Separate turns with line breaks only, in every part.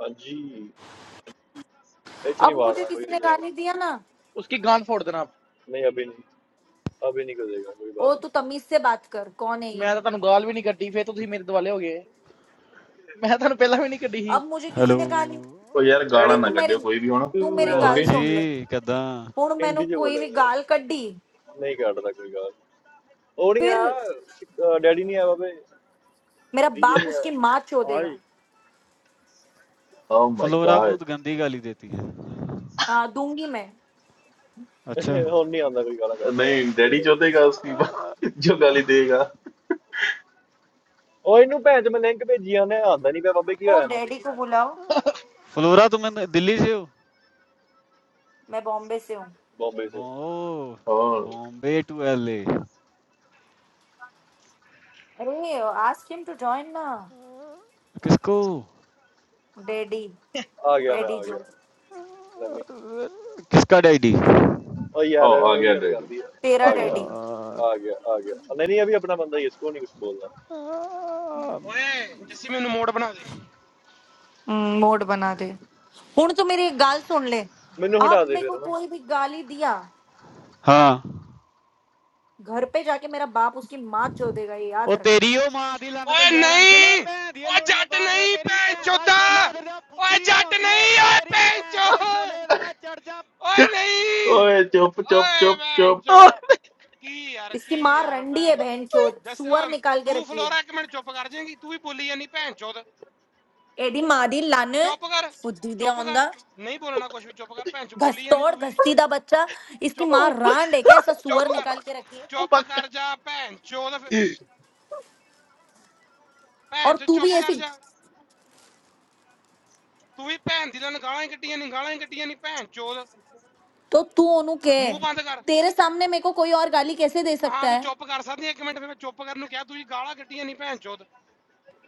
हाँ जी एच नहीं
अब मुझे
मारना कोई
किसी ने
नहीं यार
गाली दिया ना
ਉਸकी गांड फोड़ देना आप
नहीं अभी नहीं अभी नहीं करेगा कोई
ओ
बात
तू
नहीं
तमीज से बात कर कौन है ये
ਮੈਂ ਤਾਂ ਤੁਹਾਨੂੰ ਗਾਲ ਵੀ ਨਹੀਂ ਕੱਢੀ ਫੇਰ ਤੁਸੀਂ ਮੇਰੇ ਦੁਆਲੇ ਹੋ ਗਏ ਮੈਂ ਤੁਹਾਨੂੰ ਪਹਿਲਾਂ ਵੀ ਨਹੀਂ ਕੱਢੀ ਸੀ
अब मुझे किसी
ਹੈਲੋ
ने गाली
ਉਹ यार गाना
मैं
अरे
तू
ना
मेरी
ਕੱਢਿਓ ਕੋਈ ਵੀ ਹੁਣ
तू
तू मेरी
ਉਹ
यार
गाल
ओके
सुन ले
ਹਾਂਜੀ ਕਿਦਾਂ
हूं मैंने
हिंदी जो
कोई
बोला
भी गाल
मेरे
कड्डी
नहीं काटता कोई गाल ਉਹ ਨਹੀਂ
फिर
ਆ ਡੈਡੀ ਨਹੀਂ ਆਇਆ ਬਾਬੇ
मेरा
ਡੀਜੇ
बाप
ਨਹੀਂ
उसकी माँ चो देगा
ਆਏ
ओ माय
ਫਲੋਰਾ ਬਹੁਤ
गॉड
ਗੰਦੀ ਗਾਲੀ ਦੇਤੀ ਹੈ
हाँ दूंगी मैं
अच्छा
ਆਇਆ ਹੁਣ ਨਹੀਂ ਆਉਂਦਾ ਕੋਈ ਗਾਲਾਂ ਕੱਢਣ
नहीं
ਵਾਲਾ
डैडी
ਗੋਡੇ
जो
ਦਾ
देगा उसकी जो गाली देगा
ਉਹ ਇਹਨੂੰ ਭੈਣ ਚ ਮੈਂ ਲਿੰਕ ਭੇਜੀ ਆਨੇ ਆਉਂਦਾ ਨਹੀਂ ਪਿਆ ਬਾਬੇ ਕੀ
ओ
ਹੋਇਆ ਇਹਨੂੰ
डैडी को बुलाओ
फ्लोरा तुम न- दिल्ली से हो
मैं बॉम्बे से हूँ
ਬੰਬੇ ਸੇ
बो
और ओ
बॉम्बे टू एलए
अरे आस्क हिम टू जॉइन ना
किसको
डैडी
ਆ ਗਿਆ ਮੈਂ
डैडी
ਆ
जो
ਗਿਆ ਲੰਮੀ
किसका डैडी
ਉਹ ਯਾਰ
आ
ਉਹਦੀ
गया
ਗੱਲ
डैडी
ਕਰਦੀ ਆ
तेरा
ਆ ਗਿਆ
डैडी
ਆ गया आ गया नहीं नहीं अभी अपना बंदा ही है, इसको नहीं कुछ बोलना
ਓਏ ਜੱਸੀ ਮੈਨੂੰ ਮੋੜ ਬਣਾ ਦੇ
मोड बना दे हूं तू मेरी एक गाल सुन ले
मैनू हटा
अब मेरे
दे
को
फिर ना,
कोई भी गाली दिया
हाँ
घर पे जाके मेरा बाप उसकी माँ चोदेगा ये याद
ਉਹ
रखना
ਤੇਰੀ ਉਹ ਮਾਂ ਦੀ ਲੰਨ
ਓਏ
ਭਈਆ ਰਾਣੀ ਚਲਾ
ਨਹੀਂ
ਭੈਣ ਦੀ
ਓ
ਲੋੜੀਏ
ਜੱਟ
ਬਾਹਰ ਜਾ
ਨਹੀਂ
ਤੇਰੀ
ਭੈਣ
ਭੈਣ ਦਾ
ਚੋਦਾ
ਛੋਲਾ ਤੇਰਾ
ਓਏ
ਫੁੱਦੀ
ਜੱਟ
ਹੁੰਦੀ ਏ
ਨਹੀਂ ਓਏ
ਤੇਰੀ
ਭੈਣ
ਭੈਣ
ਚੋ
ਦੇ ਛੋਲੇ ਤੇ ਮੈਂ ਚੜ ਜਾ
ਓਏ ਨਹੀਂ
ओए चुप चुप
ਓਏ
चुप
ਭੈਣ
चुप
ਚੋ ਕੀ ਯਾਰ ਕੀ
इसकी माँ
ਯਾਰ
रंडी है
ਭੈਣ ਚੋ
बहन चोद
ਜੱਸ
सुअर
ਓਏ,
निकाल के
ਤੂੰ
रखी है
ਫਲੋਰਾ ਇੱਕ ਮਿੰਟ ਚੁੱਪ ਕਰ ਜਾਏਂਗੀ ਤੂੰ ਵੀ ਬੋਲੀ ਜਾਨੀ ਭੈਣ ਚੋਦ
एडी मादी लाने
ਚੁੱਪ ਕਰ
फुद्दी दे
ਚੁੱਪ
ऑन
ਕਰ
द
ਨਹੀਂ ਬੋਲਣਾ ਕੁਝ ਵੀ ਚੁੱਪ ਕਰ ਭੈਣ ਚੋ ਬੋਲੀ ਜਾਨੀ
घसतोड़
ਤੂੰ ਵੀ
घसीदा बच्चा इसकी
ਚੁੱਪ
माँ
ਉਹ
रांड है क्या ऐसा
ਚੁੱਪ
सुअर
ਕਰ
निकाल के रखी है
ਉਹ
ਚੁੱਪ
ਪੱਕਾ
ਕਰ ਜਾ ਭੈਣ ਚੋਦ ਫਿਰ- ਭੈਣ
और
ਚੋ
तू भी
ਚੁੱਪ ਕਰ
ऐसी
ਜਾ ਤੂੰ ਵੀ ਭੈਣ ਦੀ ਲਨ ਗਾਲਾਂ ਹੀ ਕੱਢੀਆਂ ਨਹੀਂ ਗਾਲਾਂ ਹੀ ਕੱਢੀਆਂ ਨਹੀਂ ਭੈਣ ਚੋਦ
तो तू ओनू के
ਮੂੰਹ ਬੰਦ ਕਰ
तेरे सामने मेरे को कोई और गाली कैसे दे
ਹਾਂ
सकता
ਤੂੰ
है
ਚੁੱਪ ਕਰ ਸਕਦੀ ਹੈ ਇੱਕ ਮਿੰਟ ਫਿਰ ਮੈਂ ਚੁੱਪ ਕਰਨ ਨੂੰ ਕਿਹਾ ਤੂੰ ਜੀ ਗਾਲਾਂ ਕੱਢੀਆਂ ਨਹੀਂ ਭੈਣ ਚੋਦ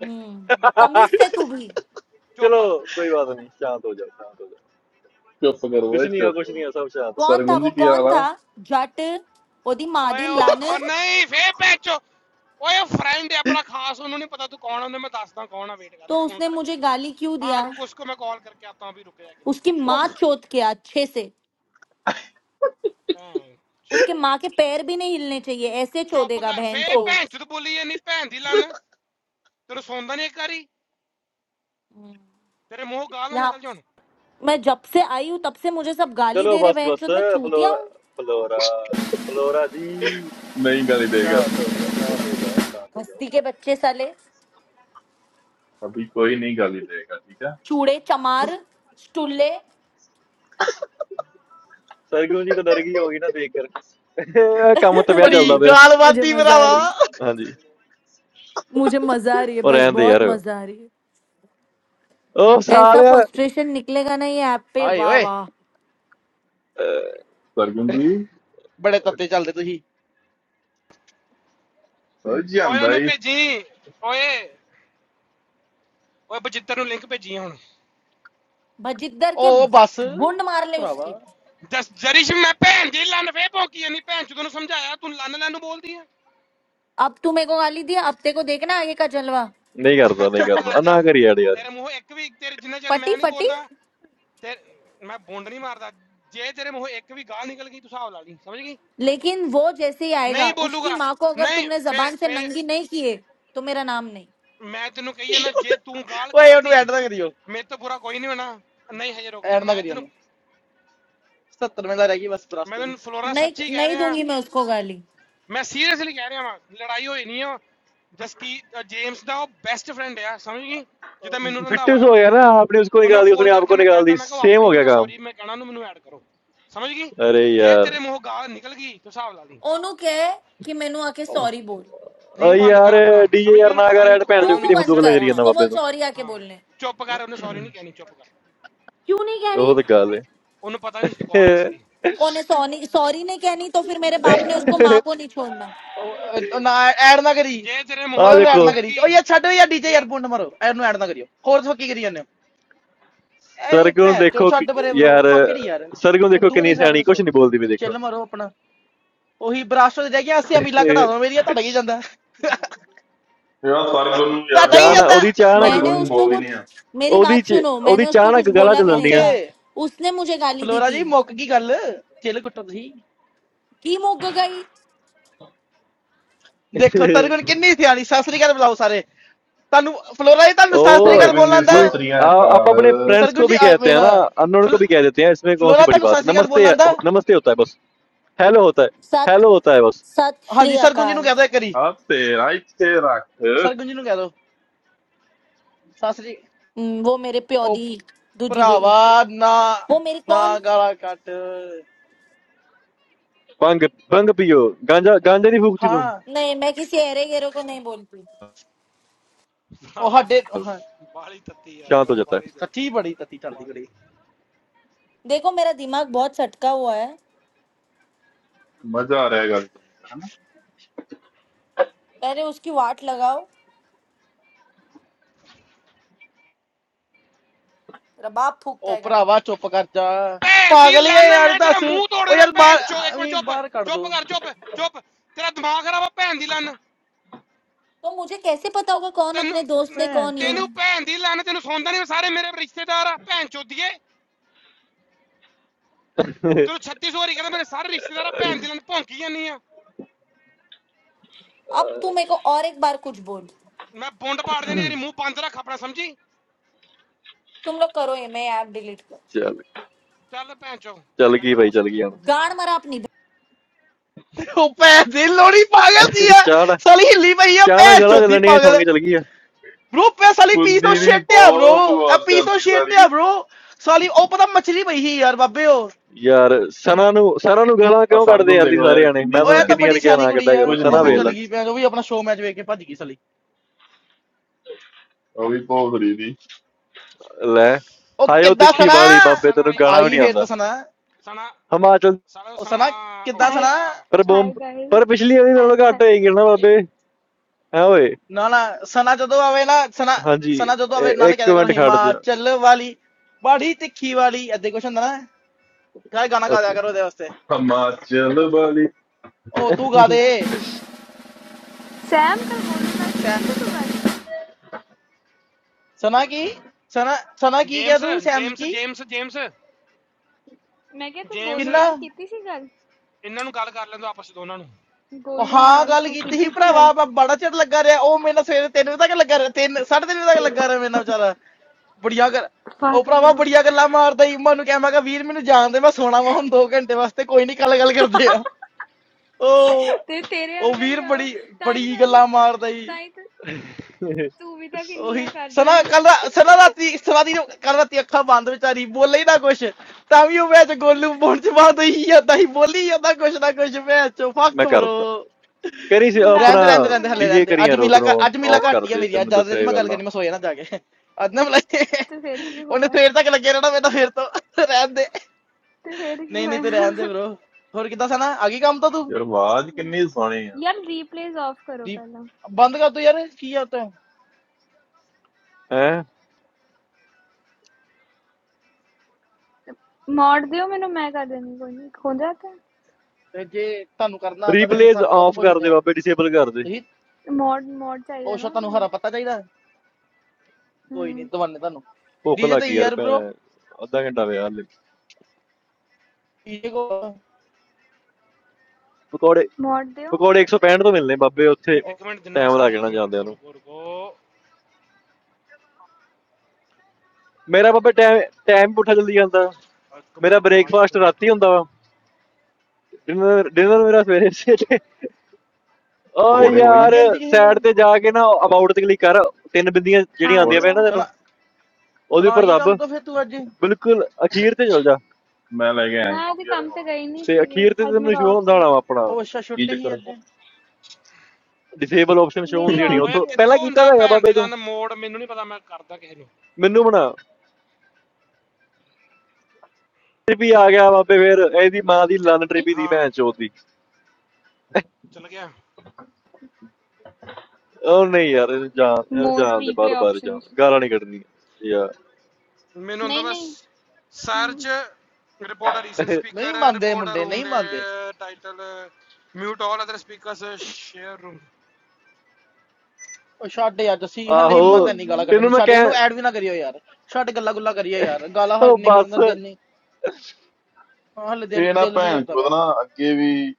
हम्म तमीज से तू भी
चलो
ਚੁੱਪ
कोई बात नहीं शांत हो जाओ शांत हो जाओ
चुप करो
कुछ
ओए
नहीं हुआ कुछ
चुप
नहीं हुआ सब शांत
कौन था वो
सरगुंदी
कौन
प्याला
था जट ओदी
ਓਏ
मादी
ਉਹ
लाने
ਉਹ ਨਹੀਂ ਫੇਰ ਭੈਣ ਚੋ ਓਏ ਫਰੈਂਡ ਹੈ ਆਪਣਾ ਖਾਸ ਉਹਨੂੰ ਨਹੀਂ ਪਤਾ ਤੂੰ ਕੌਣ ਆ ਉਹਨੇ ਮੈਂ ਦੱਸਦਾ ਕੌਣ ਆ ਵੇਟ ਕਰ ਮੈਂ
तो
ਫੋਨ
उसने
ਕਰਕੇ
मुझे
ਆਇਆ
गाली क्यों
ਹਾਂ
दिया
ਰੁਕ ਉਸਕੋ ਮੈਂ ਕਾਲ ਕਰਕੇ ਆਤਾ ਹੂੰ ਵੀ ਰੁਕ ਜਾ ਕੇ ਵੀਰੇ
उसकी
ਰੁਕ ਜਾ
माँ चोत के अच्छे से
ਭੈਣ
उसके माँ के पैर भी नहीं हिलने चाहिए ऐसे
ਚੁੱਪ
चोदेगा
ਕਰ
बहन
ਫੇਰ
ਉਹ
ਭੈਣ
चोत
ਚੋਦ ਬੋਲੀ ਜਾਂਦੀ ਭੈਣ ਦੀ ਲਨ ਤੈਨੂੰ ਸੌਂਦਾ ਨਹੀਂ ਇੱਕ ਵਾਰੀ ਤੇਰੇ ਮੂੰਹੋਂ ਗਾਲਾਂ
यहाँ
ਨਿਕਲ ਜਾਣ
मैं जब से आई हूँ तब से मुझे सब गाली
चलो
दे रहे
बस
बहन
बस
चोत मैं चूतिया
फ्लोरा
हूँ
फ्लोरा फ्लोरा जी
नहीं गाली देगा
शांत हो
कोई आपको
शांत हो जाओ शांत हो जाओ
हस्ती के बच्चे साले
अभी कोई नहीं गाली देगा ठीक है
चूड़े चमार स्टुल्ले
सरगुਣ ਜੀ ਤਾਂ ਡਰ ਗਈ ਹੋਗੀ ਨਾ ਦੇਖ ਕਰ ਇਹ ਕੰਮ ਤਾਂ
ਉਹ
ਪਿਆ
ਬੜੀ
ਚੱਲਦਾ ਪਿਆ
ਗਾਲ
मुझे
ਵਾਦੀ
मजा आ
ਭਰਾਵਾ
रही है
ਹਾਂਜੀ
मुझे मजा आ रही है
ਉਹ
बस
ਰਹਿਣ ਦੇ
बहुत
ਯਾਰ
मजा आ रही
ਉਹ
है ऐसा
ਸਾਲਿਆ
फ्रस्ट्रेशन निकलेगा ना ये ऐप पे
ਆਏ
वाह
ਓਏ
वाह
सरगुन जी
ਬੜੇ ਤੱਤੇ ਚੱਲਦੇ ਤੁਸੀਂ
हो
ਓਏ
ਜਾਂਦਾ
ਉਹਨੂੰ
ਈ
ਭੇਜੀ ਓਏ ਓਏ ਬਚਿੱਤਰ ਨੂੰ ਲਿੰਕ ਭੇਜੀ ਹੁਣ
भजिदर के
ਉਹ ਬਸ
गुंड मार ले
ਭਰਾਵਾ
उसकी
ਜਸ ਜਰੀਸ਼ ਮੈਂ ਭੈਣ ਜੀ ਲੰਨ ਫੇ ਭੌਂਕੀ ਨਹੀਂ ਭੈਣ ਚੋਦ ਨੂੰ ਸਮਝਾਇਆ ਤੂੰ ਲੰਨ ਲੰਨ ਨੂੰ ਬੋਲਦੀ ਆ
अब तू मेरे को गाली दिया अब तेरे को देखना आगे का जलवा
नहीं करता नहीं
ਚੁੱਪ
करता
ਕਰ
अब ना
ਜਾ
करिए यार यार
ਤੇਰੇ ਮੂੰਹੋਂ ਇੱਕ ਵੀ ਤੇਰੇ ਜਿੰਨਾ ਚਿਰ ਮੈਂ
पटी
ਨਹੀਂ
पटी
ਬੋਲਦਾ ਤੇ ਮੈਂ ਬੁੰਡ ਨਹੀਂ ਮਾਰਦਾ ਜੇ ਤੇਰੇ ਮੂੰਹੋਂ ਇੱਕ ਵੀ ਗਾਲ ਨਿਕਲ ਗਈ ਤੂੰ ਹਿਸਾਬ ਲਾ ਲਈ ਸਮਝ ਗਈ
लेकिन वो जैसे ही आएगा
ਨਹੀਂ
उसकी
ਬੋਲੂਗਾ
माँ को अगर
ਨਹੀਂ
तुमने
ਫੇ
जबान से
ਫੇ
नंगी नहीं किए तो मेरा नाम नहीं
ਮੈਂ ਤੈਨੂੰ ਕਹੀ ਜਾਂਦਾ ਜੇ ਤੂੰ ਗਾਲ
ਓਏ ਉਹਨੂੰ
ਕੱਢਤੀ
ਐਡ ਨਾ ਕਰਿਓ
ਮੇਰੇ ਤੋਂ ਬੁਰਾ ਕੋਈ ਨਹੀਂ ਹੋਣਾ ਨਹੀਂ ਹਜੇ ਰੁਕ ਗਿਆ
ਐਡ ਨਾ
ਮੈਂ
ਕਰਿਓ
ਤੈਨੂੰ
ਉਹਨੂੰ 70 ਮਿੰਟ ਦਾ ਰਹਿ ਗਈ ਬਸ ਬਰਸਟ
ਮੈਂ ਤੈਨੂੰ ਫਲੋਰਾ ਸੱਚੀ
नहीं
ਕਹਿ
नहीं
ਰਿਹਾ
दूंगी मैं उसको गाली
ਮੈਂ ਸੀਰੀਅਸਲੀ ਕਹਿ ਰਿਹਾ ਵਾਂ ਲੜਾਈ ਹੋਈ ਨਹੀਂ ਆ ਜਸਕੀ ਜੇਮਸ ਦਾ ਉਹ ਬੈਸਟ ਫਰੈਂਡ ਆ ਸਮਝ ਗਈ ਜਿੱਦਾਂ ਮੈਨੂੰ ਰੰਧਾਵਾ
फिटनेस हो
ਆ
गया ना आपने उसको
ਉਹਨੂੰ
निकाल दिया
ਫੋਨ
उसने
ਕਰਕੇ
आपको
ਮੈਂ
निकाल दी
ਕਹਿਤਾ ਮੈਂ ਕਿਹਾ ਉਹ
सेम हो
ਆਪਣੀ
गया
ਕਹਿੰਦਾ
काम
ਸੌਰੀ ਮੈਂ ਕਹਿਣਾ ਉਹਨੂੰ ਮੈਨੂੰ ਐਡ ਕਰੋ ਸਮਝ ਗਈ
अरे
ਜੇ
यार
ਤੇਰੇ ਮੂੰਹੋਂ ਗਾਲ ਨਿਕਲ ਗਈ ਤੂੰ ਹਿਸਾਬ ਲਾ ਲਈ
ओनू कहे कि मैनू आके
ਉਹ
सॉरी बोल
ਮੂੰਹ
अरे
ਬੰਦ ਕਰ
यार
ਆਪਣਾ
डीजे
ਸਮਝ ਗਈ
यार
ਉਹਨੂੰ
ना
ਪਤਾ
कर
ਨਹੀਂ ਸੀ
ऐड
ਤੂੰ
भैन
ਕੌਣ ਆ
तू
चो
ਉਹਨੇ
मुंह
ਮੈਨੂੰ
किड़ी फुद्दू
बंद
ਦੱਸਿਆ
गल्लां
कर
करी
ਕੌਣ ਆ
जन्ना
उसको
बाबे
बोल
तू
सॉरी आके
ਹਾਂ
बोलने
ਚੁੱਪ ਕਰ ਉਹਨੇ ਸੌਰੀ ਨਹੀਂ ਕਹਿਣੀ ਚੁੱਪ ਕਰ
क्यों नहीं
ओह
कहनी
ते गल्ल
ਉਹਨੂੰ ਪਤਾ ਨਹੀਂ ਸੀ ਤੂੰ ਕੌਣ
ऐ
ਆ ਇਸ ਲਈ
ओने सॉरी सॉरी नहीं कहनी तो फिर मेरे बाप ने उसको माँ को नहीं छोड़ना
ਨਾ ਐਡ ਨਾ ਕਰੀ
ਜੇ ਤੇਰੇ ਮੂੰਹੋਂ
ਓਏ
ਆ
ਉਹਨੂੰ
ਗਾਲ
ਐਡ
ਦੇਖੋ
ਨਾ
ਨਿਕਲ
ਕਰੀ ਓਏ
ਗਈ
ਯਾਰ ਛੱਡ ਓਏ ਯਾਰ ਡੀਜੇ ਯਾਰ
ਜੇ
ਬੁੰਡ ਮਾਰੋ ਇਹਨੂੰ ਐਡ ਨਾ ਕਰਿਓ ਹੋਰ ਸੋ ਕੀ ਕਰੀ ਜਾਂਦੇ ਹੋ ਐਵੇਂ
ਸਰਗ ਨੂੰ
ਭੈਣ ਚੋ
ਦੇਖੋ ਕਿ-
ਛੱਡ ਪਰੇ ਬ్రో
ਯਾਰ
ਫੱਕ it ਯਾਰ
ਸਰਗ ਨੂੰ ਦੇਖੋ
ਉਦੋਂ
ਕਿੰਨੀ
ਤੁਸੀਂ ਸਾਰੇ
ਸਿਆਣੀ ਕੁਝ
ਦੱਸੋ
ਨਹੀਂ ਬੋਲਦੀ ਵੀ ਦੇਖੋ
ਚਿੱਲ ਮਾਰੋ ਆਪਣਾ ਉਹੀ ਬਰਾਸ਼ੋ ਦੇ ਰਹਿ ਗਿਆ ਅਸੀਂ ਅਮੀਲਾ ਕਢਾ ਦੋ ਮੇਰੀ ਇਹ ਤੁਹਾਡਾ ਕੀ ਜਾਂਦਾ ਤੁਹਾਡਾ
ਯਾਰ ਸਰਗੁਣ ਨੂੰ ਯਾਰ
ਕੀ
ਚਾਹ
ਨਾਮ
ਨਾ
ਜਾਂਦਾ
ਉਹਦੀ ਚਾਹ ਨਾ
मैंने
ਸਰਗੁਣ
उसको
ਬੋਲ ਹੀ ਨਹੀਂ ਆ
कुछ मेरी
ਉਹਦੀ
बात
ਚ-
सुनो
ਉਹਦੀ
मैंने
ਚਾਹ
उसको
ਨਾ
कुछ
ਗਾਲਾਂ
बोला भी
ਚੱਲਣ
नहीं
ਓਕੇ
ਦੀਆਂ
था उसने मुझे गाली दी
ਫਲੋਰਾ
थी
ਜੀ ਮੁੱਕ ਗਈ ਗੱਲ ਚਿੱਲ ਕੁੱਟੋ ਤੁਸੀਂ
की मुक गई
ਦੇਖੋ ਸਰਗੁਣ ਕਿੰਨੀ ਸਿਆਣੀ ਸਤਿ ਸ੍ਰੀ ਅਕਾਲ ਬੁਲਾਓ ਸਾਰੇ ਤੁਹਾਨੂੰ ਫਲੋਰਾ ਜੀ ਤੁਹਾਨੂੰ ਸਤਿ ਸ੍ਰੀ
ਉਹ
ਅਕਾਲ
ਸਰਗੁਣ
ਬੋਲਣਾ
ਜੀ
ਆਂਦਾ
ਵੀ
ਸਤਿ ਸ੍ਰੀ
आप अपने
ਅਕਾਲ
फ्रेंड्स
ਸਰਗੁਣ
को
ਜੀ
भी
ਆਈ
कहते
ਮੀਨ
हैं ना अननोन को भी कह देते हैं इसमें कौन सी
ਫਲੋਰਾ
बड़ी
ਤੁਹਾਨੂੰ ਸਤਿ
बात है
ਸ੍ਰੀ ਅਕਾਲ
नमस्ते
ਬੋਲਣਾ ਆਂਦਾ
है- नमस्ते होता है बस हेलो होता है
सत
हेलो होता है बस
सत श्री
ਹਾਂਜੀ ਸਰਗੁਣ ਜੀ ਨੂੰ
अकाल
ਕਹਿ ਦੋ ਇੱਕ ਵਾਰੀ
ਆ ਤੇਰਾ ਇੱਥੇ ਰੱਖ
ਸਰਗੁਣ ਜੀ ਨੂੰ ਕਹਿ ਦੋ ਸਤਿ ਸ੍ਰੀ
हम्म, वो मेरे प्यो
ਉਹ
दी दूजी बे
ਭਰਾਵਾ ਨਾ
वो मेरी
ਨਾ
कौन
ਗਾਲਾਂ ਕੱਟ
बंग बंग पियो गांजा गांजा नहीं फूकती तुम
ਹਾਂ
नहीं मैं किसी अरे गेरो को नहीं बोलती
ਉਹ
ਭਰਾਵਾ
ਸਾਡੇ ਹਾਂ,
ਬਾਲੀ ਤੱਤੀ ਯਾਰ
शांत हो
ਉਹ
जाता
ਬਾਲੀ
है
ਤੱਤੀ
ਤੱਤੀ
ਬੜੀ
ਯਾਰ
ਤੱਤੀ ਚੱਲਦੀ
ਬਾਲੀ
ਕੁੜੀ
देखो मेरा दिमाग बहुत सटका हुआ है
ਮਜ਼ਾ ਆ ਰਿਹਾ ਗੱਲ ਕਰਨੇ
पहले उसकी वाट लगाओ रबाब फूकता
ਉਹ
है गांजा
ਭਰਾਵਾ ਚੁੱਪ ਕਰ ਜਾ
ਭੈਣ ਦੀ
ਪਾਗਲ ਆ
ਲਾਨਾ
ਯਾਰ
ਮੈਂ ਤੇਰਾ
ਦੱਸ
ਮੂੰਹ ਤੋੜ
ਉਹ
ਦੇਣਾ
ਯਾਰ
ਭੈਣ ਚੋ
ਬਾਹਰ
ਇੱਕ ਮਿੰਟ
ਵੀ
ਚੁੱਪ
ਬਾਹਰ ਕੱਢ
ਚੁੱਪ
ਦੋ
ਕਰ ਚੁੱਪ ਚੁੱਪ ਤੇਰਾ ਦਿਮਾਗ ਖਰਾਬ ਆ ਭੈਣ ਦੀ ਲੰਨ
तो मुझे कैसे पता होगा कौन
ਤੈਨੂੰ
अपने दोस्त है
ਭੈਣ
कौन
ਚੋ
ये नहीं
ਤੈਨੂੰ ਭੈਣ ਦੀ ਲੰਨ ਤੈਨੂੰ ਸੌਂਦਾ ਨਹੀਂ ਸਾਰੇ ਮੇਰੇ ਰਿਸ਼ਤੇਦਾਰ ਆ ਭੈਣ ਚੋਦੀਏ ਤੈਨੂੰ 36 ਵਾਰੀ ਕਹਿੰਦਾ ਮੇਰੇ ਸਾਰੇ ਰਿਸ਼ਤੇਦਾਰ ਆ ਭੈਣ ਦੀ ਲੰਨ ਭੌਂਕੀ ਜਾਂਦੀ ਆ
अब तू मेरे को और एक बार कुछ बोल
ਮੈਂ ਬੁੰਡ ਪਾੜ ਦੇਣੀ ਤੇਰੀ ਮੂੰਹ ਬੰਦ ਰੱਖ ਆਪਣਾ ਸਮਝੀ
तुम लोग करो ये मैं ऐप डिलीट कर
चल
ਚੱਲ ਭੈਣ ਚੋ
चल
ਗੈਟ
गई भाई
ਲੌਸਟ
चल
ਦੈਨ
गई हम
ਭੈਣ
गाड़
ਦੀ
मरा अपनी
ਲੰਨ
ਉਹ ਭੈਣ ਦੀ ਲੋੜੀ ਪਾਗਲ ਸੀ ਆ
चाह ना-
ਸਾਲੀ ਹਿੱਲੀ ਪਈ ਆ
ਚਾਹ ਨਾਲ
ਭੈਣ
ਗਲਾ
ਚੋ ਦੀ
ਚੱਲਣੀ ਸੁਣ
ਪਾਗਲ
ਕੇ ਚੱਲ ਗਈ
ਬ్రో ਪੈ ਸਾਲੀ ਪੀਸ ਆਫ
ਬੁੱਧੀ
ਬਹੁਤ
ਦੀ
ਸ਼ਿਟ
ਤੱਤੀ
ਆ
ਆ
bro
ਬਹੁਤ
ਵਾਲੇ
ਆ
ਬਕਵਾਸ
ਪੀਸ ਆਫ
ਕਰਦੀ
ਸ਼ਿਟ ਆ
ਸਾਰੀ
bro ਸਾਲੀ ਉਹ ਪਤਾ ਮੱਛਲੀ ਪਈ ਸੀ ਯਾਰ ਬਾਬੇ ਉਹ
ਯਾਰ ਸਨਾ ਨੂੰ ਸਨਾ ਨੂੰ ਗਾਲਾਂ
ਆ
ਕਿਉਂ
ਹਮ,
ਕੱਢਦੇ
ਸਰਗੁਣ
ਯਾਰ
ਦੇਖ
ਦੀ
ਲਓ
ਸਾਰੇ
ਯਾਰ
ਜਾਣੇ ਮੈਂ
ਕਿੰਨੀ
ਉਹ
ਤੁਹਾਨੂੰ
ਇਹ ਤਾਂ
ਕਿੰਨੀ
ਸਿਆਣੀ ਆ
ਵਾਰ
ਬੜੀ
ਕਿਹਾ
ਸਿਆਣੀ
ਨਾ
ਕੁੜੀ
ਕੱਢਿਆ
ਆ
ਕਰੋ
ਕੁਝ ਨਹੀਂ
ਉਹ
ਸਨਾ
ਵੀ
ਵੇਖ ਲੈ
ਚੱਲ
ਬੋਲਦੀ
ਗਈ ਭੈਣ ਚੋ, ਉਹ ਵੀ ਆਪਣਾ ਸ਼ੋਅ ਮੈਚ ਵੇਖ ਕੇ ਭੱਜ ਗਈ ਸਾਲੀ
ਉਹ ਵੀ ਭੋਸੜੀ ਦੀ
ਲੈ
ਉਹ
ਹਾਏ ਉਹ
ਕਿੱਦਾਂ
ਤਿੱਖੀ
ਸਣਾ
ਓਏ
ਬਾਲੀ ਬਾਬੇ
ਸਣਾ
ਤੈਨੂੰ
ਆਈ ਸੀ
ਗਾਲਾਂ ਵੀ
ਆਈ
ਨਹੀਂ
ਭੈਣ
ਫੇਰ
ਚੋ
ਤਾਂ
ਆਉਂਦਾ
ਸਣਾ
ਸਣਾ
ਹਿਮਾਚਲ
ਸਾਲੋ
ਉਹ
ਸਣਾ
ਸਣਾ ਕਿੱਦਾਂ
हाय
ਉਹਦੀ ਆ
ਸਣਾ
ਪਰ ਬੋਮ
हाय
ਪਰ
गैस
ਪਿਛਲੀ ਵਾਰੀ
हाय
ਨਾਲੋਂ
गैस
ਘੱਟ ਹੋਏਗੀ ਨਾ ਬਾਬੇ ਹੈ ਓਏ
ਨਾ ਨਾ ਸਨਾ ਜਦੋਂ ਆਵੇ ਨਾ ਸਨਾ
ਹਾਂਜੀ
ਸਨਾ ਜਦੋਂ ਆਵੇ
ਇ-
ਨਾਲ ਕਹਿ
ਇੱਕ
ਦਿਆ ਕਰੋ
ਮਿੰਟ ਖੜ ਜਾ
ਹਿਮਾਚਲ ਵਾਲੀ ਬੜੀ ਤਿੱਖੀ ਵਾਲੀ ਐਦੇ ਕੁਛ ਹੁੰਦਾ ਨਾ ਗਾਇ ਗਾਣਾ ਗਾ ਦਿਆ
ਓਕੇ
ਕਰੋ ਉਹਦੇ ਵਾਸਤੇ
ਹਿਮਾਚਲ ਵਾਲੀ
ਉਹ ਤੂੰ ਗਾ ਦੇ
सैम कल गोलू नाल
ਸੈ-
कितनी सी जल
ਸਨਾ ਕੀ ਸਨਾ ਸਨਾ ਕੀ ਕਿਹਾ
ਜੇਮਸ
ਤੂੰ ਸੈਮਸ
ਜੇਮਸ
ਕੀ
ਜੇਮਸ ਜੇਮਸ
मैं क्या तू
ਜੇਮਸ
गोलू
ਕਿੰਨਾ
नाल कितनी सी जल
ਇਹਨਾਂ ਨੂੰ ਗੱਲ ਕਰ ਲੈਂਦੋ ਆਪਸ ਚ ਦੋਨਾਂ ਨੂੰ
ਉਹ
गोलू
ਹਾਂ
नाल
ਗੱਲ
तू
ਕੀਤੀ ਸੀ
कितनी सी जल
ਭਰਾਵਾ ਮੈਂ ਬੜਾ ਚਿਰ ਲੱਗਾ ਰਿਹਾ ਉਹ ਮੇਰੇ ਨਾਲ ਸਵੇਰੇ 3 ਵਜੇ ਤੱਕ ਲੱਗਾ ਰਿਹਾ 3 3:30 ਵਜੇ ਤੱਕ ਲੱਗਾ ਰਿਹਾ ਮੇਰੇ ਨਾਲ ਵਿਚਾਰਾ ਬੜੀਆਂ ਕਰ ਉਹ
भाग
ਭਰਾਵਾ
फिरो
ਬੜੀਆਂ ਗੱਲਾਂ ਮਾਰਦਾ ਈ ਮੈਨੂੰ ਕਹਿ ਮੈਂ ਕਿਹਾ ਵੀਰ ਮੈਨੂੰ ਜਾਣ ਦੇ ਮੈਂ ਸੋਣਾ ਵਾ ਹੁਣ 2 ਘੰਟੇ ਵਾਸਤੇ ਕੋਈ ਨਹੀਂ ਕੱਲ ਗੱਲ ਕਰਦੇ ਆ ਉਹ
तेरे तेरे
ਉਹ
अरगाई
ਵੀਰ
आओ
ਬੜੀ
ताई
ਬੜੀ
ताई
ਗੱਲਾਂ ਮਾਰਦਾ ਈ
ताई तो तू भी तो किन्निया
ਉਹੀ
करता
ਸਨਾ
है
ਕੱਲ ਸਨਾ ਰਾਤੀ ਸਨਾ ਦੀ ਕੱਲ ਰਾਤੀ ਅੱਖਾਂ ਬੰਦ ਵਿਚਾਰੀ ਬੋਲੇ ਹੀ ਨਾ ਕੁਛ ਤਾਂ ਵੀ ਉਹ ਵਿੱਚ ਗੋਲੂ ਬੋਲ ਚ
मैं
ਬਾਤ ਹੀ ਜਾਂਦਾ ਹੀ ਬੋਲੀ ਜਾਂਦਾ ਕੁਛ ਨਾ ਕੁਛ ਵਿੱਚ ਫੱਕ
ਮੈਂ
ਬਰੋ
ਕਰਦਾ ਕਰੀ ਸੀ ਆਪਣਾ
बुलावा
ਰਹਿੰਦੇ ਰਹਿੰਦੇ
हूँ
ਰਹਿੰਦੇ
ना
ਹਲੇ
जी
ਡੀਜੇ
ਰਹਿੰਦੇ
ਕਰੀ
ਅੱਜ
ਯਾਰ
ਮੀਲਾ
ਉਧਰੋਂ
ਘ- ਅੱਜ ਮੀਲਾ
क्यों
ਆਫ
ਘੱਟ
ਕਰ
ਹੀ ਆ
ਦੇ
ਮੇਰੀ ਅੱਜ
ਤੈਨੂੰ
ਜ਼ਿਆਦਾ
ਦੱਸਿਆ
ਨਹੀਂ
ਇਹ
ਮੈਂ ਗੱਲ
ਪਹਿਲਾਂ
ਕਰਨੀ ਮੈਂ ਸੋਇਆ ਨਾ ਜਾ ਕੇ ਅੱਜ ਨਾ ਮਲਾਈ
तो फिर क्यों
ਉਹਨੇ
हुआ
ਫੇਰ ਤੱਕ ਲੱਗੇ ਰਹਿਣਾ ਮੈਂ ਤਾਂ ਫੇਰ ਤੋਂ ਰਹਿੰਦੇ
तो फिर क्यों
ਨਹੀਂ
हुआ
ਨਹੀਂ ਤੂੰ ਰਹਿੰਦੇ ਬ్రో ਹੋਰ ਕਿੱਦਾਂ ਸਨਾ ਆ ਗਈ ਕੰਮ ਤਾਂ ਤੂੰ
ਯਾਰ ਆਵਾਜ਼ ਕਿੰਨੀ ਸੋਹਣੀ ਆ
यार रीप्लेस ऑफ करो
ਦੀ-
पहले
ਬੰਦ ਕਰ ਤੂੰ ਯਾਰ ਕੀ ਆ ਤੂੰ
ਹੈ
मॉड
ਤੇ ਜੇ ਤੁਹਾਨੂੰ ਕਰਨਾ ਆਉਂਦਾ ਤੇ ਫਿਰ
ਰੀਪਲੇਸ
ਸਾਨੂੰ ਕਾਹਤੋਂ
ਆਫ ਕਰ
ਪੁੱਛਦੇ
ਦੇ
ਹੋ
ਬਾਬੇ ਡਿਸੇਬਲ ਕਰ ਦੇ
ਤੁਸੀਂ ਉਹ ਸ਼ਾ
�
ਤੁਹਾਨੂੰ ਹਰਾ ਪੱਤਾ ਚਾਹੀਦਾ ਹੈ? ਕੋਈ ਨਹੀਂ
ਹੂੰ
ਦਵਾਨੇ ਤੁਹਾਨੂੰ
ਭੁੱਖ
ਡੀਜੇ ਤੇ
ਲੱਗੀ ਯਾਰ
ਯਾਰ
ਭੈਣ
ਬ్రో
ਅੱਧਾ ਘੰਟਾ ਵਿਆਹ ਲੈ
ਡੀਜੇ ਕੋ
ਪਕੌੜੇ
ਮੋੜ ਦਿਓ
ਪਕੌੜੇ 165 ਤੋਂ ਮਿਲਨੇ ਬਾਬੇ ਉੱਥੇ
ਇੱਕ ਮਿੰਟ ਦਿਨਾ
ਟਾਈਮ ਲੱਗ
ਸਨਾ ਇੱਕ
ਜਾਣਾ
ਮਿੰਟ
ਜਾਂਦਿਆਂ
ਰੁਕੋ
ਨੂੰ
ਰੁਕੋ ਰੁਕੋ
ਮੇਰਾ ਬਾਬੇ ਟਾਈਮ ਟਾਈਮ ਪੁੱਠਾ ਜਲਦੀ ਜਾਂਦਾ
ਇੱਕ
ਮੇਰਾ
ਮਿੰਟ ਜਾਣ ਇੱਕ
ਬ੍ਰੇਕਫਾਸਟ
ਮਿੰਟ
ਰਾਤੀ
ਇੱਕ
ਹੁੰਦਾ ਵਾ
ਮਿੰਟ
ਡਿਨਰ ਡਿਨਰ ਮੇਰਾ ਸਵੇਰੇ ਸਵੇਰੇ ਓ
ਯਾ
ਪਕੌੜੇ
ਮੇਰੀ
ਖਵਾਈਏ
ਯਾਰ
ਬਾਣੀ ਆਂਦੀ ਕਿਸੇ ਨੂੰ
ਸਾਈਡ ਤੇ ਜਾ ਕੇ ਨਾ ਅਬਾਊਟ ਤੇ ਕਲਿੱਕ ਕਰ ਤਿੰਨ ਬਿੰਦੀਆਂ
ਆ
ਜਿਹੜੀਆਂ ਆਉਂਦੀਆਂ
ਪਕੌੜੇ
ਰਹੀ ਆ
ਪਈਆਂ ਨਾ ਤੈਨੂੰ
ਸੁਣਾ
ਉਹਦੇ
ਸੁਣਾ
ਉੱਪਰ
ਗਈ
ਦੱਬ
ਕੰਮ ਤੋਂ ਫਿਰ ਤੂੰ ਅੱਜ
ਬਿਲਕੁਲ ਅਖੀਰ ਤੇ ਚਲ ਜਾ
ਮੈਂ ਲੈ ਕੇ ਆਇਆ ਸੀ
ਮੈਂ ਅੱਜ
ਗੋਭੀ ਵਾਲੇ
ਕੰਮ ਤੇ
ਹੁਣ
ਗਈ ਨਹੀਂ
ਤੇ
ਸੀਗੀ
ਅਖੀਰ ਤੇ
ਅੱਜ
ਤੈਨੂੰ
ਮੇਰਾ
ਸ਼ੋ
ਆਫ
ਹੁੰਦਾ
ਸੀ
ਹੋਣਾ ਵਾ ਆਪਣਾ
ਉਹ ਅੱਛਾ
ਕੀ
ਛੁੱਟੀ
ਚੱਕਰ
ਹੀ
ਆ?
ਅੱਜ
ਉਹ-
ਡਿਸੇਬਲ ਆਪਸ਼ਨ ਸ਼ੋ
ਮੇਰੀ
ਹੁੰਦੀ ਹੋਣੀ
ਆਫ
ਓਏ
ਉੱਥੋਂ
ਸੀ ਅੱਜ
ਪਹਿਲਾਂ
ਕਿੱਥੋਂ
ਕੀਤਾ
ਹੁੰਦਾ
ਤਾਂ ਹੈਗਾ
ਭੈਣ
ਬਾਬੇ
ਦੀ
ਤੂੰ
ਦੰਦ ਮੋੜ ਮੈਨੂੰ ਨਹੀਂ ਪਤਾ ਮੈਂ ਕਰਦਾ ਕਿਸੇ ਨੂੰ
ਮੈਨੂੰ ਬਣਾ ਟ੍ਰਿਪੀ ਆ ਗਿਆ ਬਾਬੇ ਫੇਰ ਇਹਦੀ ਮਾਂ ਦੀ
ਉੱਤੇ
ਲੰਨ ਟ੍ਰਿਪੀ ਦੀ
ਹਾਂ
ਭੈਣ ਚੋਦ ਦੀ
ਚਲ ਗਿਆ
ਉਹ ਨਹੀਂ ਯਾਰ ਇਹਨੂੰ ਜਾਣ ਇਹਨੂੰ
ਮੋਰ
ਜਾਣ ਦੇ
ਰੀਪਲੇ
ਬਾਹਰ ਬਾਹਰ ਜਾਣ
ਆਪਸ਼ਨਸ
ਗਾਲਾਂ ਨਹੀਂ ਕੱਢਣੀ ਯਾਰ
ਮੈਨੂੰ ਹੁੰਦਾ
ਨਹੀਂ
ਬਸ
ਨਹੀਂ
ਸਰਚ
ਹਮ,
ਰਿਪੋਰਟ ਆ ਰੀਸੈਂਟ
ਨਹੀਂ
ਸਪੀਕਰ
ਮੰਨਦੇ
ਰਿਪੋਰਟ ਆ
ਮੁੰਡੇ
ਰੂਮ
ਨਹੀਂ
ਦੇ
ਮੰਨਦੇ
title mute all other speakers share room
ਉਹ ਛੱਡ ਯਾਰ ਅਸੀਂ ਹੱਲੇ
ਕੀ
ਹਿੰਮਤ
ਹੋ
ਆਹੋ
ਹੈ ਨਹੀਂ
ਗਿਆ
ਗਾਲਾਂ ਕੱਢਣ
ਤੈਨੂੰ
ਦੀ
ਮੈਂ
ਛੱਡ ਇਹਨੂੰ
ਕਹਿ
ਐਡ ਵੀ ਨਾ ਕਰਿਓ ਯਾਰ ਛੱਡ ਗੱਲਾਂ ਗੁੱਲਾਂ ਕਰੀਏ ਯਾਰ ਗਾਲਾਂ
ਉਹ
ਹੱਲੇ ਨਿਕਲਣ ਦਾ
ਬਸ
ਦਿਲ ਨਹੀਂ ਹੱਲੇ ਦਿਲ
ਇਹ ਨਾ
ਦਿਲ ਨਹੀਂ
ਭੈਣ
ਕਰਦਾ
ਚੋਦ
ਪਿਆ
ਨਾ ਅੱਗੇ ਵੀ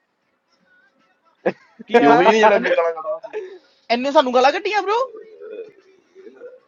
ਕੀ
ਇਹ ਉਹੀ ਨਹੀਂ ਜਿਹੜਾ ਅੱਗੇ
ਹੈ
ਗਾਲਾਂ ਕੱਢਦਾ ਸੀ
ਇੰਨੇ ਸਾਨੂੰ ਗਾਲਾਂ ਕੱਢੀਆਂ ਬ్రో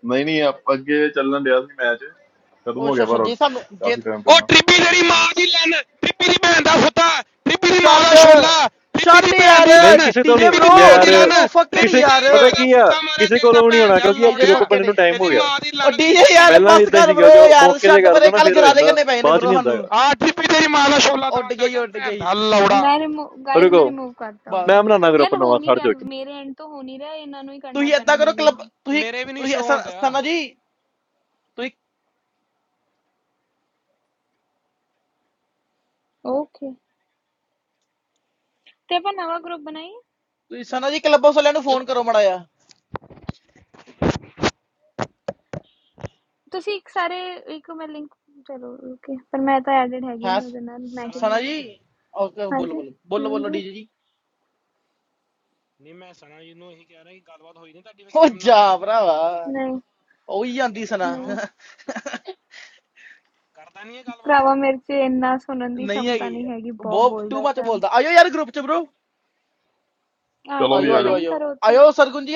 ਨਹੀਂ ਨਹੀਂ ਆਪ- ਅੱਗੇ ਚੱਲਣ ਡਿਆ ਸੀ ਮੈਚ ਖਤਮ
ਉਹ
ਹੋ
ਅੱਛਾ
ਗਿਆ
ਅੱਛਾ
ਪਰ
ਜੇ
ਅੱਗੇ
ਸਾਨੂੰ ਜੇ
ਕਾਫੀ ਟਾਈਮ
ਉਹ
ਪਹਿਲਾਂ
ਟ੍ਰਿਪੀ ਜਿਹੜੀ ਮਾਂ ਦੀ ਲੰਨ ਟ੍ਰਿਪੀ ਦੀ ਭੈਣ ਦਾ ਫੁੱਤਾ ਟ੍ਰਿਪੀ ਦੀ ਮਾਂ
ਛੱਡ
ਦਾ ਛੋਲਾ ਟ੍ਰਿਪੀ ਦੀ
ਛੱਡ
ਭੈਣ
ਯਾਰ
ਦੀ
ਨਹੀਂ
ਲੰਨ
ਕਿਸੇ ਤੋਂ
ਡੀਜੇ
ਨਹੀਂ
ਟ੍ਰਿਪੀ ਦੀ ਭੈਣ
ਬ్రో
ਦੀ
ਯਾਰ
ਡੀਜੇ
ਲੰਨ
ਬ్రో ਫੱਕੇ ਨਹੀਂ
ਕਿਸੇ
ਟ੍ਰਿਪੀ
ਯਾਰ
ਤੇਰੀ ਮਾਂ
ਪਤਾ
ਦਾ
ਕੀ ਆ
ਫੁੱਤਾ ਮਾਰਿਆ
ਕਿਸੇ
ਤੇਰੀ ਤਾਂ
ਕੋਲੋਂ ਵੀ ਨਹੀਂ
ਭੈਣ
ਹੋਣਾ
ਦੇ ਹੱਲ
ਕਿਉਂਕਿ
ਡੀਜੇ
ਗਰੁੱਪ
ਲੋੜਿਆ
ਫੱਕੇ
ਬਣਨ
ਨੇ
ਨੂੰ ਟਾਈਮ ਹੋ
ਇਹਦੀ
ਗਿਆ
ਮਾਂ ਦੀ ਲੰਨ
ਉਹ
ਦੀ ਨਹੀਂ
ਡੀਜੇ
ਉਹ
ਟ੍ਰਿਪੀ
ਯਾਰ
ਦੀ
ਪਹਿਲਾਂ ਵੀ
ਬਸ
ਇਦਾਂ ਹੀ
ਕਰ
ਸੀਗਾ
ਬ్రో
ਜੋ
ਯਾਰ
ਮੌਕੇ ਤੇ
ਛੱਡ
ਕਰ
ਪਰੇ
ਦੋ ਨਾ
ਕੱਲ
ਫਿਰ ਹੋ
ਗਰਾਰੇ
ਜਾਂਦਾ
ਕਰਨੇ ਪਏ ਨੇ
ਬਾਅਦ ਚ
ਬ్రో
ਨਹੀਂ
ਸਾਨੂੰ
ਹੁੰਦਾਗਾ
ਆ ਟ੍ਰਿਪੀ ਤੇਰੀ ਮਾਂ ਦਾ ਛੋਲਾ
ਉੱਡ
ਦਿਮਾਗ ਚਲ
ਗਈ
ਗਿਆ
ਉੱਡ
ਭੈਣ
ਗਈ
ਦਾ ਹੱਲ ਲੋੜਾ
ਮੈਂ ਰਿਮੂਵ ਗਾਇਸ ਮੈਂ
ਰੁਕੋ
ਰਿਮੂਵ ਕਰਤਾ
ਬਾ
ਮੈਂ
ਉਹਨੂੰ
ਬਣਾਉਣਾ ਗਰੁੱਪ
ਯਾਰ ਹੋ
ਨਵਾਂ
ਨਹੀਂ
ਖੜ
ਰਿਹਾ
ਜਾਓ ਇੱਕ
ਮੇਰੇ ਐਂਡ ਤੋਂ ਹੋ ਨਹੀਂ ਰਿਹਾ ਇਹਨਾਂ ਨੂੰ ਹੀ ਕਰਨਾ
ਤੁਸੀਂ
ਪੈਣਾ
ਏਦਾਂ ਕਰੋ
ਡੀਜੇ
ਕਲੱਬ
ਨੂੰ
ਤੁਸੀਂ
ਮੇਰੇ ਵੀ ਨਹੀਂ
ਤੁਸੀਂ
ਸ਼ੋ
ਸ-
ਹੁੰਦਿਆ
ਸਨਾ ਜੀ ਤੁਸੀਂ
ਓਕੇ ਤੇ ਆਪਾਂ ਨਵਾਂ ਗਰੁੱਪ ਬਣਾਈਏ
ਤੁਸੀਂ ਸਨਾ ਜੀ ਕਲੱਬ ਹਾਊਸ ਵਾਲਿਆਂ ਨੂੰ ਫੋਨ ਕਰੋ ਮੜਾ ਯਾਰ
ਤੁਸੀਂ ਇੱਕ ਸਾਰੇ ਇੱਕ ਮੈਂ ਲਿੰਕ ਚਲੋ ਓਕੇ ਪਰ ਮੈਂ ਤਾਂ ਐਡਿਡ ਹੈਗੀ
ਹੈ
ਨਹੀਂ ਉਹਦੇ ਨਾਲ ਮੈਂ
ਸਨਾ
ਕਿਵੇਂ
ਸਨਾ
ਆਵਾਂ
ਜੀ
ਜੀ ਨਹੀਂ
ਓਕੇ ਬੋਲੋ
ਹਾਂਜੀ
ਬੋਲੋ ਬੋਲੋ ਬੋਲੋ
ਹਾਂਜੀ
ਡੀਜੇ ਜੀ
ਮੈਂ ਸਨਾ ਜੀ ਨੂੰ ਇਹੀ ਕਹਿ ਰਿਹਾ ਕਿ ਗੱਲਬਾਤ ਹੋਈ ਨਹੀਂ ਤੁਹਾਡੀ
ਉਹ
ਵਸੈਮ ਨਾਲ
ਜਾ ਭਰਾਵਾ
ਨਹੀਂ
ਉਹੀ ਜਾਂਦੀ ਸਨਾ
ਕਿਉਂ
ਨਹੀਂ
ਕਰਦਾ ਨਹੀਂ ਇਹ ਗੱਲਬਾਤ
ਭਰਾਵਾ ਮੇਰੇ 'ਚ ਇੰਨਾ ਸੁਣਨ ਦੀ
ਨਹੀਂ
ਸ਼ਮਤਾ
ਹੈਗੀ
ਨਹੀਂ ਹੈਗੀ ਬਹੁਤ
ਬਹੁਤ ਟੂ
ਬੋਲਦਾ
ਮੱਚ
ਸੈਮ
ਬੋਲਦਾ ਆਇਓ ਯਾਰ ਗਰੁੱਪ ਚ bro
ਆ
ਚਲੋ
ਜਾਓ
ਵੀ
ਮੈਨੂੰ
ਆ ਜਾਓ
ਪਿੰਗ ਕਰੋ ਉੱਥੇ
Adiós, algún día.